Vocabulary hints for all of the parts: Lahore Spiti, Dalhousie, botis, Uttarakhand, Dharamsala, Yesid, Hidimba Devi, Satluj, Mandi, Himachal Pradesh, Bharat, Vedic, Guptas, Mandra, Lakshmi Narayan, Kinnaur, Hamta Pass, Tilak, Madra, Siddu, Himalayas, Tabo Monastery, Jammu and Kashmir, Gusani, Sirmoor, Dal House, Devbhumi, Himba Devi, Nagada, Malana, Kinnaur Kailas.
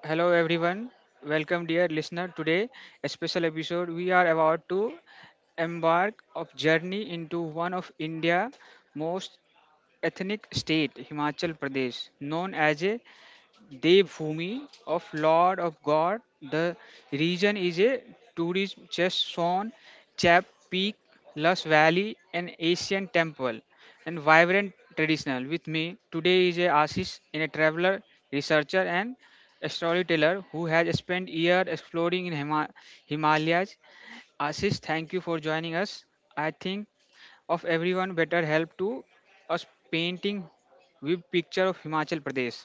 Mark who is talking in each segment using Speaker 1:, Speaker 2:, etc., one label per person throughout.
Speaker 1: Hello everyone, welcome dear listener. Today, a special episode. We are about to embark of journey into one of India most ethnic state, Himachal Pradesh, known as a Devbhumi of Lord of God. The region is a tourist destination. Chap Peak, Lus Valley, an Asian temple, and vibrant traditional. With me today is a Ashish, in a traveler, researcher, and a storyteller who has spent years exploring in Himalayas. Ashish, thank you for joining us. I think of everyone better help to us painting with picture of Himachal Pradesh.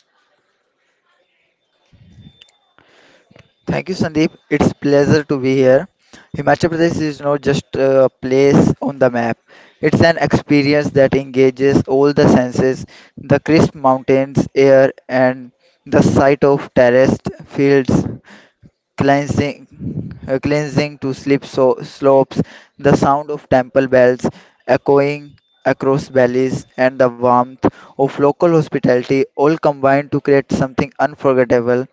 Speaker 2: Thank you, Sandeep. It's pleasure to be here. Himachal Pradesh is not just a place on the map. It's an experience that engages all the senses, the crisp mountains air and the sight of terraced fields, cleansing, cleansing to sleep so, slopes, the sound of temple bells echoing across valleys, and the warmth of local hospitality all combined to create something unforgettable.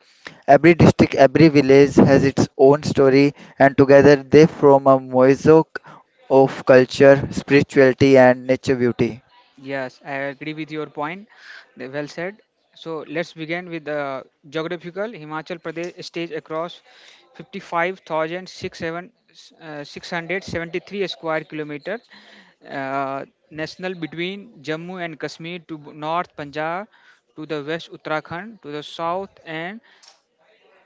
Speaker 2: Every district, every village has its own story, and together they form a mosaic of culture, spirituality, and nature beauty.
Speaker 1: Yes, I agree with your point. Well said. So let's begin with the geographical Himachal Pradesh stage across 55,673 square kilometer uh, national between Jammu and Kashmir to north Punjab to the west Uttarakhand to the south and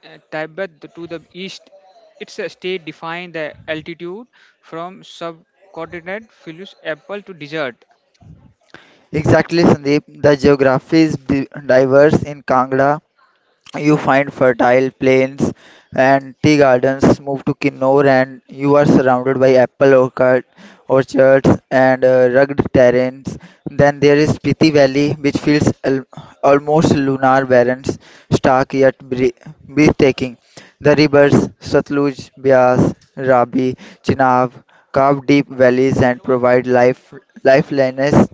Speaker 1: Tibet to the east. It's a state defined the altitude from subcontinent Philus apple to desert.
Speaker 2: Exactly, Sandeep. The geography is diverse in Kangra, you find fertile plains and tea gardens, move to Kinnaur and you are surrounded by orchards and rugged terrains. Then there is Spiti Valley which feels almost lunar barren, stark yet breathtaking. The rivers Satluj, Bias, Rabi, Chenab carve deep valleys and provide lifelines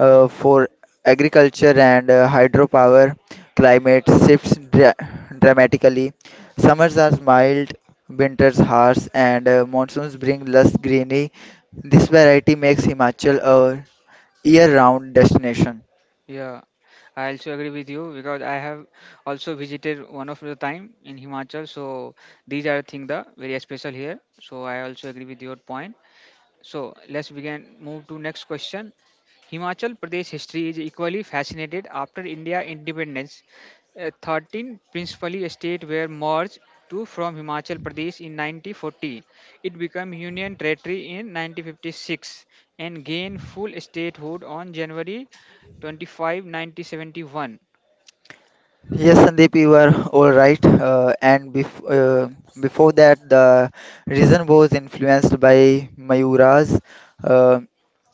Speaker 2: for agriculture and hydropower. Climate shifts dramatically. Summers are mild, winters harsh, and monsoons bring less greenery. This variety makes Himachal a year-round destination.
Speaker 1: Yeah, I also agree with you because I have also visited one of the time in Himachal. So these are thing the very special here. So I also agree with your point. So let's begin. Move to next question. Himachal Pradesh history is equally fascinated after India independence. 13 principally states were merged to from Himachal Pradesh in 1940. It became Union Territory in 1956 and gained full statehood on January 25, 1971.
Speaker 2: Yes, Sandeep, you are all right. And before that, the reason was influenced by Mayuras, uh,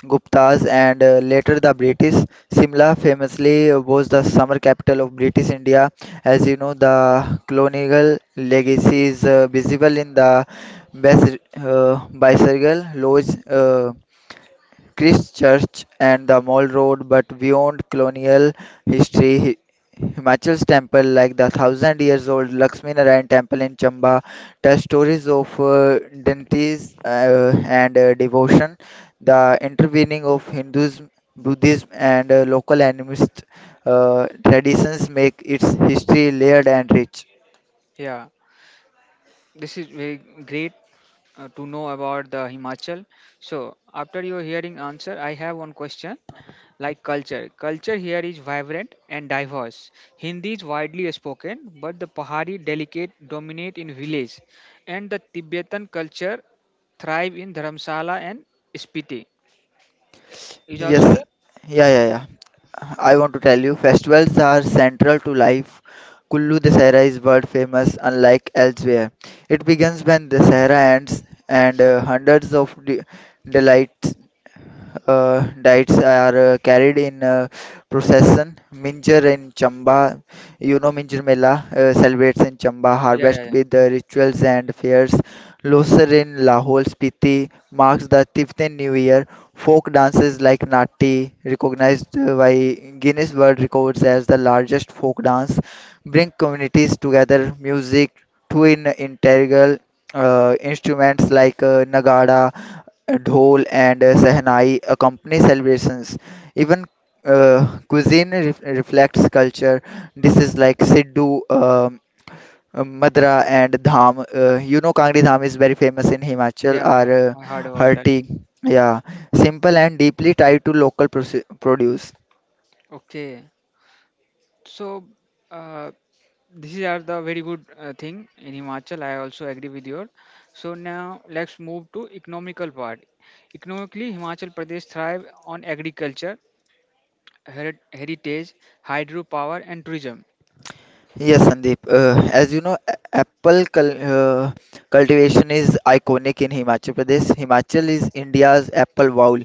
Speaker 2: Guptas, and later the British. Simla famously was the summer capital of British India. As you know, the colonial legacy is visible in the bicycle lodge. Christchurch and the Mall Road, but beyond colonial history, Himachal's temple, like the thousand years old Lakshmi Narayan temple in Chamba, tell stories of deities and devotion, the intervening of Hinduism, Buddhism, and local animist traditions make its history layered and rich.
Speaker 1: Yeah, this is very great to know about the Himachal. So after your hearing answer, I have one question like culture. Culture here is vibrant and diverse. Hindi is widely spoken, but the Pahari delicate dominate in village, and the Tibetan culture thrive in Dharamsala and Spiti. Is also
Speaker 2: Yes,
Speaker 1: there?
Speaker 2: yeah, yeah, yeah. I want to tell you, festivals are central to life. Kullu Dussehra is world famous, unlike elsewhere. It begins when the Sahara ends, and hundreds of delights, diets are carried in procession. Minjar in Chamba, you know, Minjar Mela celebrates in Chamba,
Speaker 1: Yeah, yeah,
Speaker 2: harvest
Speaker 1: yeah.
Speaker 2: with the rituals and fairs. Losar in Lahore Spiti marks the Tiftin New Year. Folk dances like Natti, recognized by Guinness World Records as the largest folk dance, bring communities together. Music, twin integral instruments like Nagada, Dhol, and Sehnai accompany celebrations. Even cuisine reflects culture. Dishes like Siddu, Madra and Dham. You know, Kangri Dham is very famous in Himachal
Speaker 1: Yeah,
Speaker 2: or
Speaker 1: yeah, I heard about
Speaker 2: her
Speaker 1: that.
Speaker 2: tea. Yeah, simple and deeply tied to local produce.
Speaker 1: Okay. So, uh, these are the very good thing in Himachal. I also agree with your. So now let's move to economical part. Economically, Himachal Pradesh thrive on agriculture, heritage, hydropower, and tourism.
Speaker 2: Yes, Sandeep. As you know, apple cultivation is iconic in Himachal Pradesh. Himachal is India's apple bowl,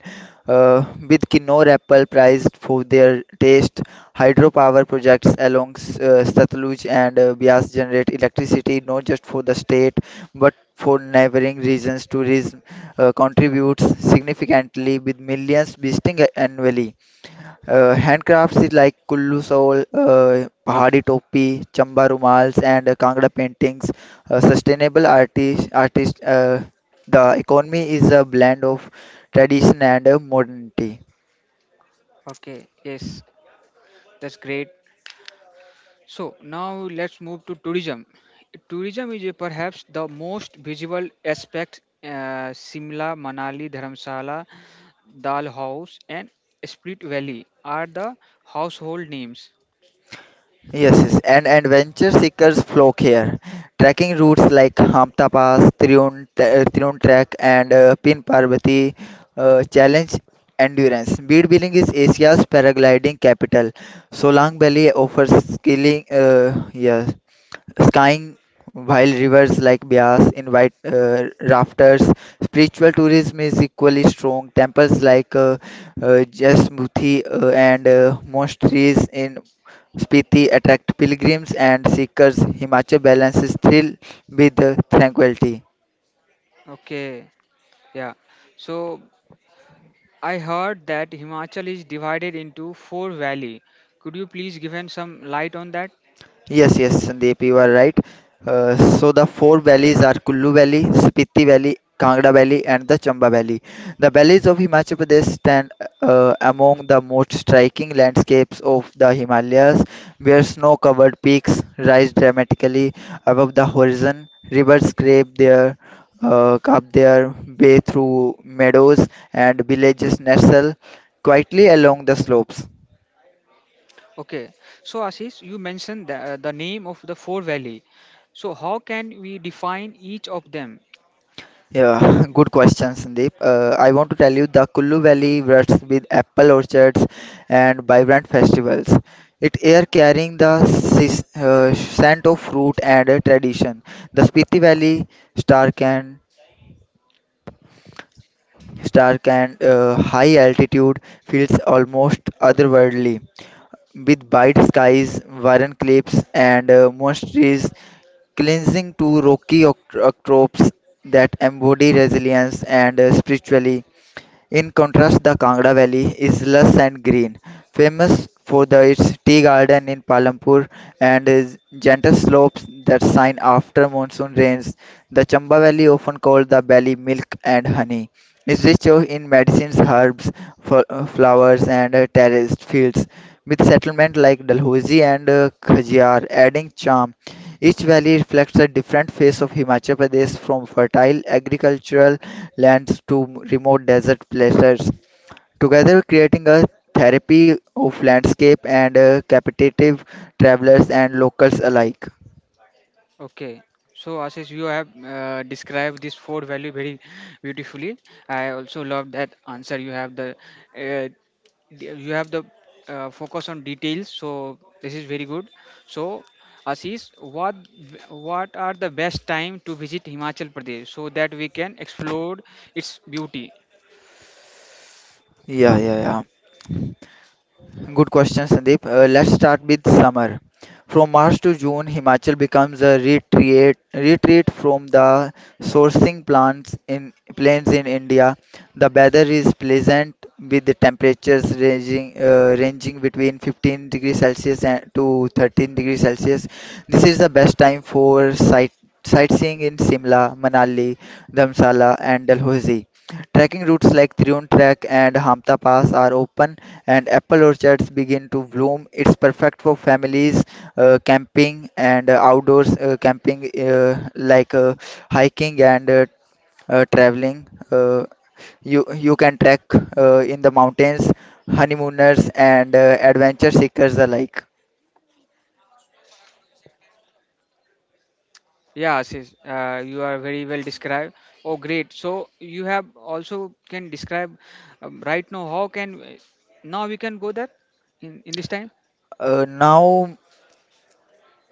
Speaker 2: with Kinnaur apple prized for their taste. Hydropower projects along Satluj and Bias generate electricity not just for the state but for neighboring regions. Tourism contributes significantly with millions visiting annually. Handcrafts is like kullu soul, pahadi topi, chamba rumals, and kangra paintings. Sustainable artist, artist. The economy is a blend of tradition and modernity.
Speaker 1: Okay, yes, that's great. So now let's move to tourism. Tourism is perhaps the most visible aspect. Simla, Manali, Dharamsala, Dal House, and Split Valley are the household names.
Speaker 2: Yes, yes, and venture seekers flock here. Trekking routes like Hamta Pass, Triun Trek, and Pin Parvati challenge endurance. Bead Biling is Asia's paragliding capital. Solang Valley offers skiing. Yeah, skying while rivers like Bias invite rafters. Spiritual tourism is equally strong. Temples like Jasmuthi and monasteries in Spiti attract pilgrims and seekers. Himachal balances thrill with tranquility.
Speaker 1: Okay, yeah. So I heard that Himachal is divided into four valley. Could you please give us some light on that?
Speaker 2: Yes, yes, Sandeep, you are right. So the four valleys are Kullu Valley, Spiti Valley, Kangra Valley, and the Chamba Valley. The valleys of Himachal Pradesh stand among the most striking landscapes of the Himalayas, where snow-covered peaks rise dramatically above the horizon, rivers scrape their up their way through meadows, and villages nestle quietly along the slopes.
Speaker 1: Okay. So Ashish, you mentioned the name of the four valley. So how can we define each of them?
Speaker 2: Yeah, good question, Sandeep. I want to tell you the Kullu Valley ruts with apple orchards and vibrant festivals. It air carrying the scent of fruit and tradition. The Spiti Valley, stark and stark and high altitude, feels almost otherworldly, with bright skies, barren cliffs, and monasteries cleansing to rocky octopes that embody resilience and spirituality. In contrast, the Kangra Valley is lush and green, famous for its tea garden in Palampur and its gentle slopes that shine after monsoon rains. The Chamba Valley, often called the Valley Milk and Honey, is rich in medicines, herbs, flowers, and terraced fields, with settlements like Dalhousie and Khajjar adding charm. Each valley reflects a different face of Himachal Pradesh from fertile agricultural lands to remote desert places, together creating a therapy of landscape and captivative travelers and locals alike.
Speaker 1: Okay, so Ashish, you have described this four value very beautifully. I also love that answer. You have the uh, you have the focus on details. So this is very good. So Ashish, what are the best time to visit Himachal Pradesh so that we can explore its beauty?
Speaker 2: Yeah, yeah, Good question, Sandeep. Let's start with summer. From March to June, Himachal becomes a retreat from the sourcing plants in plains in India. The weather is pleasant with the temperatures ranging between 15 degrees Celsius and to 13 degrees Celsius. This is the best time for sightseeing in Simla, Manali, Dharamsala, and Dalhousie. Trekking routes like Triun Trek and Hamta Pass are open and apple orchards begin to bloom. It's perfect for families, camping, and outdoors camping like hiking and traveling. You can trek in the mountains, honeymooners and adventure seekers alike.
Speaker 1: Yeah, Ashish, you are very well described. Oh, great. So you have also can describe right now how can now we can go there in this time.
Speaker 2: Uh, now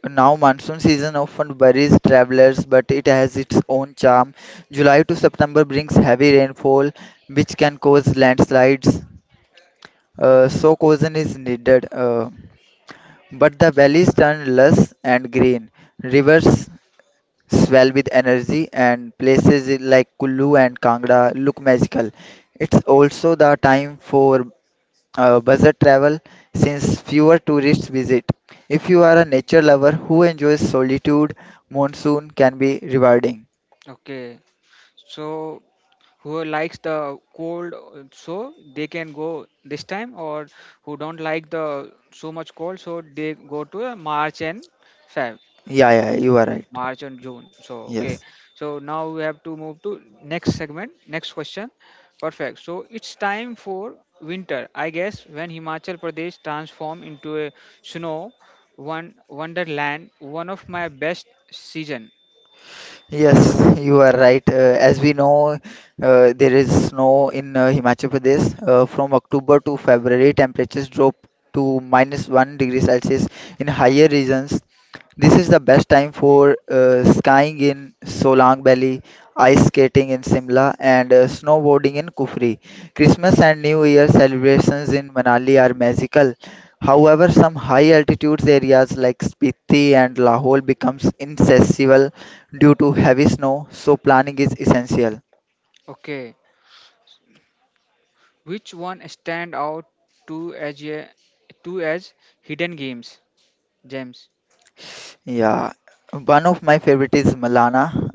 Speaker 2: now monsoon season often worries travelers, but it has its own charm. July to September brings heavy rainfall, which can cause landslides, so caution is needed. But the valleys turn lush and green. Rivers swell with energy, and places like Kullu and Kangra look magical. It's also the time for budget travel since fewer tourists visit. If you are a nature lover who enjoys solitude, monsoon can be rewarding.
Speaker 1: Okay. So who likes the cold so they can go this time or who don't like the so much cold so they go to March and Feb.
Speaker 2: Yeah, yeah, you are right.
Speaker 1: March and June. So okay.
Speaker 2: Yes.
Speaker 1: So now we have to move to next segment, next question. Perfect. So it's time for winter, I guess, when Himachal Pradesh transform into a snow one wonderland, one of my best season.
Speaker 2: Yes, you are right. As we know, there is snow in Himachal Pradesh. From October to February, temperatures drop to minus one degree Celsius in higher regions. This is the best time for skiing in Solang Valley, ice skating in Simla, and snowboarding in Kufri. Christmas and New Year celebrations in Manali are magical. However, some high altitude areas like Spiti and Lahore becomes inaccessible due to heavy snow, so planning is essential.
Speaker 1: Okay. Which one stand out to as a to as hidden games, James?
Speaker 2: Yeah, one of my favorite is Malana,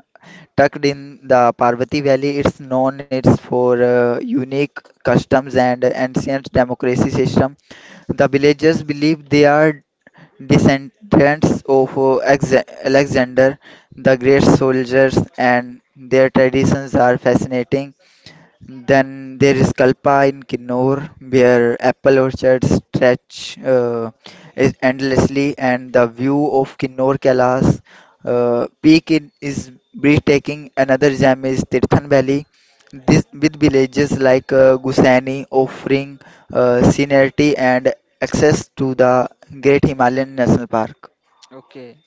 Speaker 2: tucked in the Parvati Valley. It's known it's for unique customs and ancient democracy system. The villagers believe they are descendants of Alexander the Great soldiers, and their traditions are fascinating. Then there is Kalpa in Kinnaur, where apple orchards stretch is endlessly, and the view of Kinnaur Kailas peak is breathtaking. Another gem is Tirthan Valley, with villages like Gusani offering scenery and access to the Great Himalayan National Park.
Speaker 1: Okay.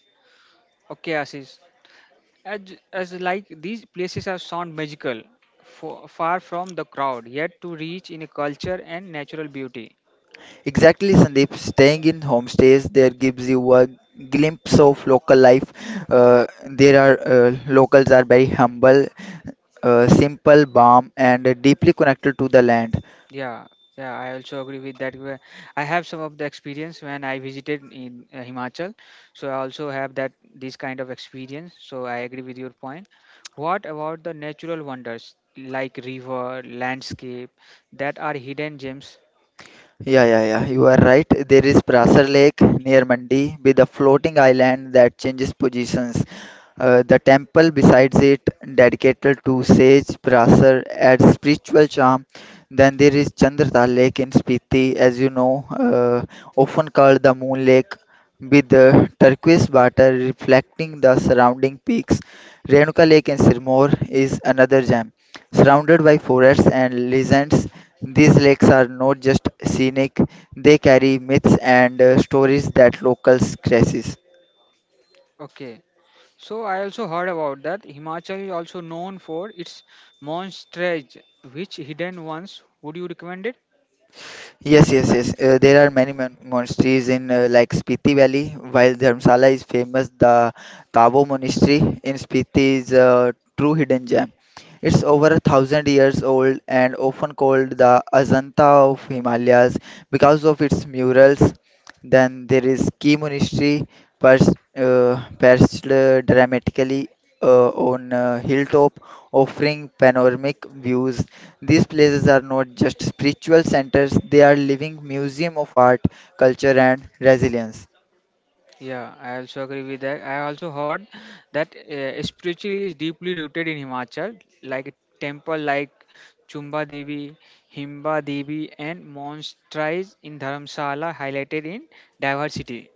Speaker 1: Okay, Ashish. As, as like these places are sound magical, far from the crowd, yet to reach in a culture and natural beauty.
Speaker 2: Exactly, Sandeep. Staying in homestays there gives you a glimpse of local life. Uh, there are Locals are very humble, simple, calm, and deeply connected to the land.
Speaker 1: Yeah, yeah, I also agree with that. I have some of the experience when I visited in Himachal, so I also have that this kind of experience. So I agree with your point. What about the natural wonders like river, landscape that are hidden gems?
Speaker 2: Yeah, yeah, yeah. You are right. There is Prasar Lake near Mandi with a floating island that changes positions. The temple besides it, dedicated to sage Prasar, adds spiritual charm. Then there is Chandrata Lake in Spiti, as you know, often called the Moon Lake, with the turquoise water reflecting the surrounding peaks. Renuka Lake in Sirmoor is another gem. Surrounded by forests and legends, these lakes are not just scenic, they carry myths and stories that locals cherish.
Speaker 1: Okay, so I also heard about that. Himachal is also known for its monasteries. Which hidden ones would you recommend it?
Speaker 2: Yes, yes, yes. There are many monasteries in like Spiti Valley. While Dharamsala is famous, the Tabo Monastery in Spiti is a true hidden gem. It's over a thousand years old and often called the Ajanta of Himalayas because of its murals. Then there is Key Monastery, perched dramatically on a hilltop, offering panoramic views. These places are not just spiritual centers, they are living museum of art, culture and resilience.
Speaker 1: Yeah, I also agree with that. I also heard that spirituality is deeply rooted in Himachal, like temple like Chumba Devi, Himba Devi, and monasteries in Dharamsala highlighted in diversity.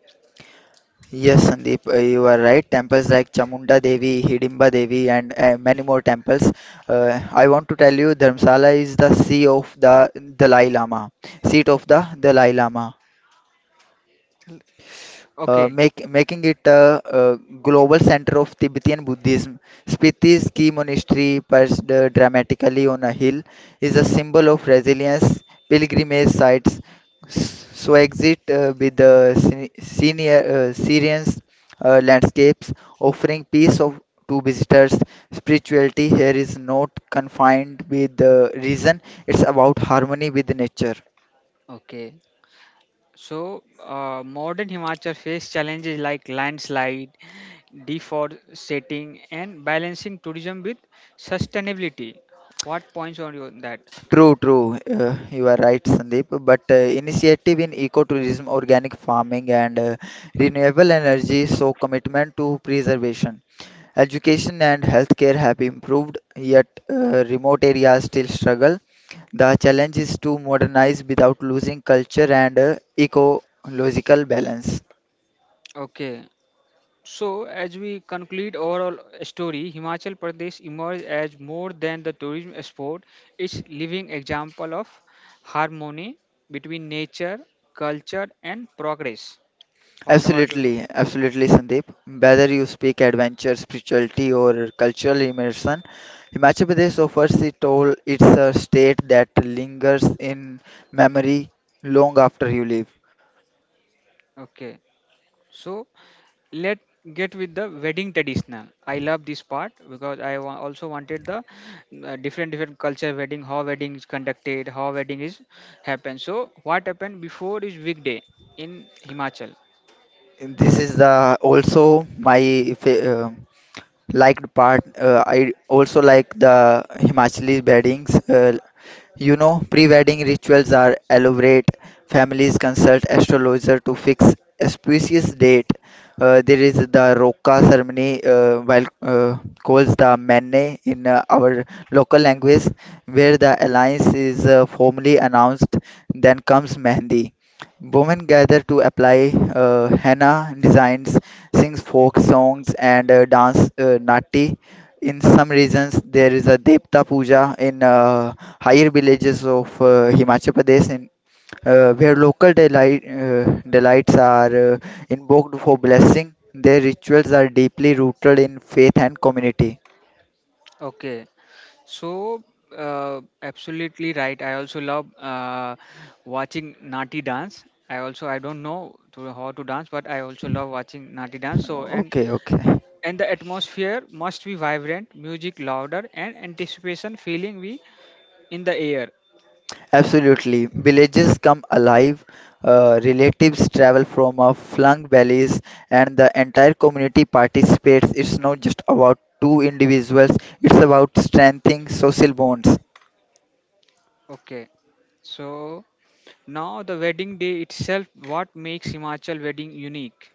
Speaker 2: Yes, Sandeep, you are right. Temples like Chamunda Devi, Hidimba Devi and many more temples. I want to tell you Dharamsala is the Dalai Lama, seat of the Dalai Lama.
Speaker 1: Okay,
Speaker 2: Making it a global center of Tibetan Buddhism. Spiti's key monastery, perched dramatically on a hill, is a symbol of resilience. Pilgrimage sites so exit with senior Syrians landscapes, offering peace of to visitors. Spirituality here is not confined with the reason; it's about harmony with nature.
Speaker 1: okay. So modern Himachal face challenges like landslide Default setting and balancing tourism with sustainability. What points on you on that?
Speaker 2: True, true. You are right, Sandeep. But initiative in ecotourism, organic farming, and renewable energy show commitment to preservation. Education and healthcare have improved, yet remote areas still struggle. The challenge is to modernize without losing culture and ecological balance.
Speaker 1: Okay. So, as we conclude overall story, Himachal Pradesh emerged as more than the tourism export. It's living example of harmony between nature, culture, and progress. What about you?
Speaker 2: Absolutely, absolutely, Sandeep. Whether you speak adventure, spirituality, or cultural immersion, Himachal Pradesh offers it all. It's a state that lingers in memory long after you leave.
Speaker 1: Okay. So, let get with the wedding traditional. I love this part because also wanted the different different culture wedding, how wedding is conducted, how wedding is happen. So what happened before is weekday in Himachal?
Speaker 2: This is the also my liked part. I also like the Himachali weddings. Pre-wedding rituals are elaborate. Families consult astrologer to fix auspicious date. There is the Roka ceremony, while calls the Mene in our local language, where the alliance is formally announced. Then comes Mehndi. Women gather to apply henna designs, sing folk songs, and dance natti. In some regions, there is a Devta Puja in higher villages of Himachal Pradesh, where local delights are invoked for blessing. Their rituals are deeply rooted in faith and community.
Speaker 1: Okay, so absolutely right. I also love watching nati dance. I also I don't know to, how to dance, but I also love watching nati dance. So and
Speaker 2: Okay, okay.
Speaker 1: and the atmosphere must be vibrant music louder and anticipation feeling we in the air.
Speaker 2: Absolutely. Villages come alive, relatives travel from flung valleys, and the entire community participates. It's not just about two individuals, it's about strengthening social bonds.
Speaker 1: Okay. So now the wedding day itself, what makes Himachal wedding unique?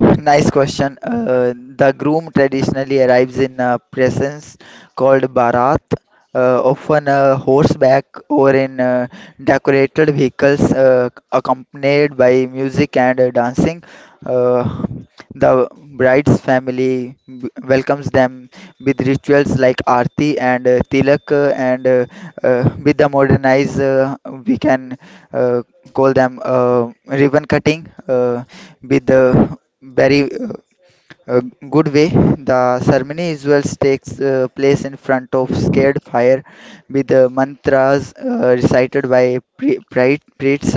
Speaker 2: Nice question. The groom traditionally arrives in a presence called Bharat, often a horseback or in decorated vehicles accompanied by music and dancing. Uh, the bride's family welcomes them with rituals like Aarti and Tilak, and with the modernized, we can uh, call them ribbon cutting. With the very uh, good way. The ceremony usually takes place in front of scared fire with the mantras recited by priests.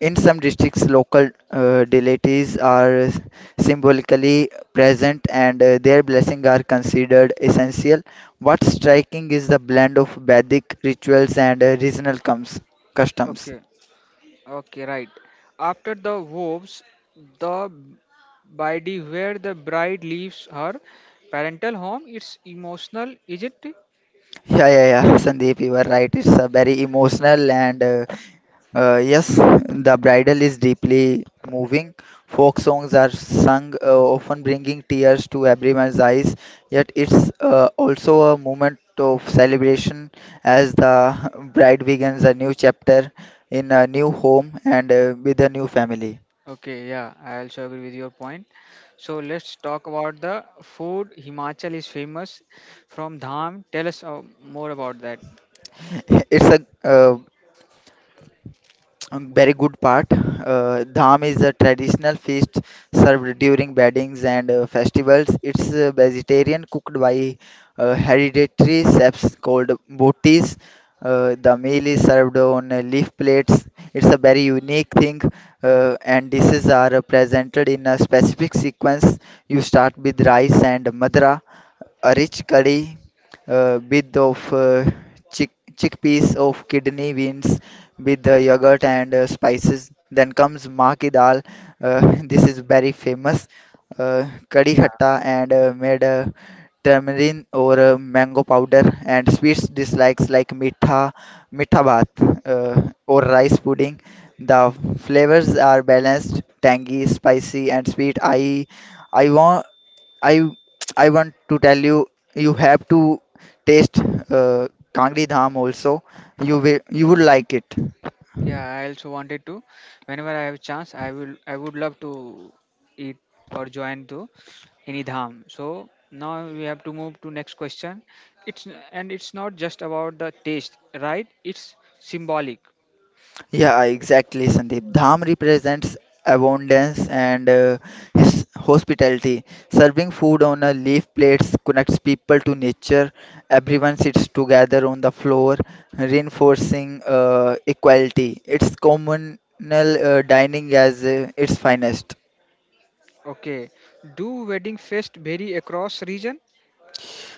Speaker 2: In some districts, local deities are symbolically present and their blessings are considered essential. What's striking is the blend of Vedic rituals and regional customs.
Speaker 1: Okay, okay, right. After the vows, the body where the bride leaves her parental home, it's emotional, is it?
Speaker 2: Yeah, yeah, yeah, Sandeep, you are right. It's very emotional and yes, the bridal is deeply moving. Folk songs are sung, often bringing tears to everyone's eyes. Yet it's also a moment of celebration as the bride begins a new chapter in a new home and with a new family.
Speaker 1: Okay, yeah, I also agree with your point. So let's talk about the food. Himachal is famous from Dham. Tell us more about that.
Speaker 2: It's a Very good part. Dham is a traditional feast served during weddings and festivals. It's vegetarian cooked by hereditary chefs called botis. The meal is served on leaf plates. It's a very unique thing, and dishes are presented in a specific sequence. You start with rice and madra, a rich curry with of chick chickpeas of kidney beans with the yogurt and spices. Then comes maki dal. This is very famous. Kadi khatta and made tamarind or mango powder and sweets dislikes like mitha bath or rice pudding. The flavors are balanced, tangy, spicy, and sweet. I want I I want to tell you you have to taste uh, Kangri Dham also. You would like it.
Speaker 1: Yeah, I also wanted to. Whenever I have chance, I will. I would love to eat or join to any dham. So now we have to move to next question. It's and it's not just about the taste, right? It's symbolic.
Speaker 2: Yeah, exactly, Sandeep. Dham represents abundance and his hospitality. Serving food on a leaf plates connects people to nature. Everyone sits together on the floor, reinforcing equality. It's communal dining as its finest.
Speaker 1: Okay. Do wedding fest vary across region?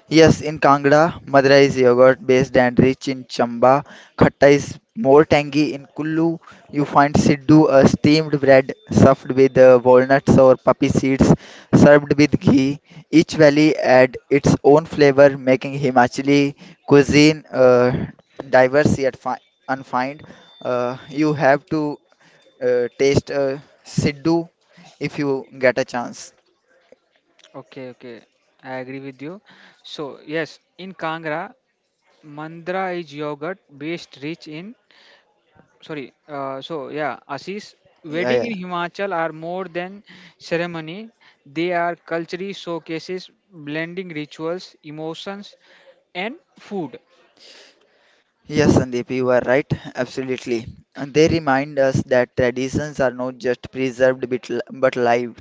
Speaker 2: Yes, in Kangra, Madura is yogurt based and rich in chamba. Khatta is more tangy. In Kullu, you find siddu, a steamed bread stuffed with walnuts or poppy seeds, served with ghee. Each valley adds its own flavor, making Himachali cuisine diverse yet unfined. You have to taste siddu if you get a chance.
Speaker 1: Okay, okay. I agree with you. So yes, in Kangra, Mandra is yogurt based rich in sorry so yeah Ashish,
Speaker 2: Yeah,
Speaker 1: wedding in
Speaker 2: yeah.
Speaker 1: Himachal are more than ceremony, they are culturally showcases blending rituals, emotions, and food.
Speaker 2: Yes, Sandeep, you are right. Absolutely. And they remind us that traditions are not just preserved but live.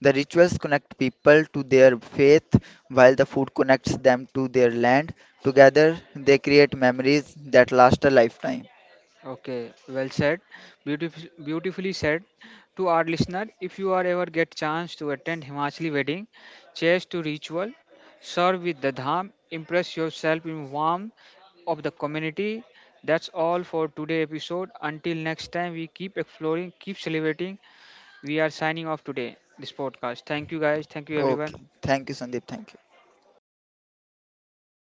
Speaker 2: The rituals connect people to their faith, while the food connects them to their land. Together, they create memories that last a lifetime.
Speaker 1: Okay, well said. Beautifully said to our listener. If you are ever get chance to attend himachali wedding, chase to ritual, serve with the dham, impress yourself in warmth of the community. That's all for today episode. Until next time, we keep exploring, keep celebrating, we are signing off today, this podcast. Thank you guys. Thank you
Speaker 2: Okay.
Speaker 1: everyone.
Speaker 2: Thank you, Sandeep. Thank you.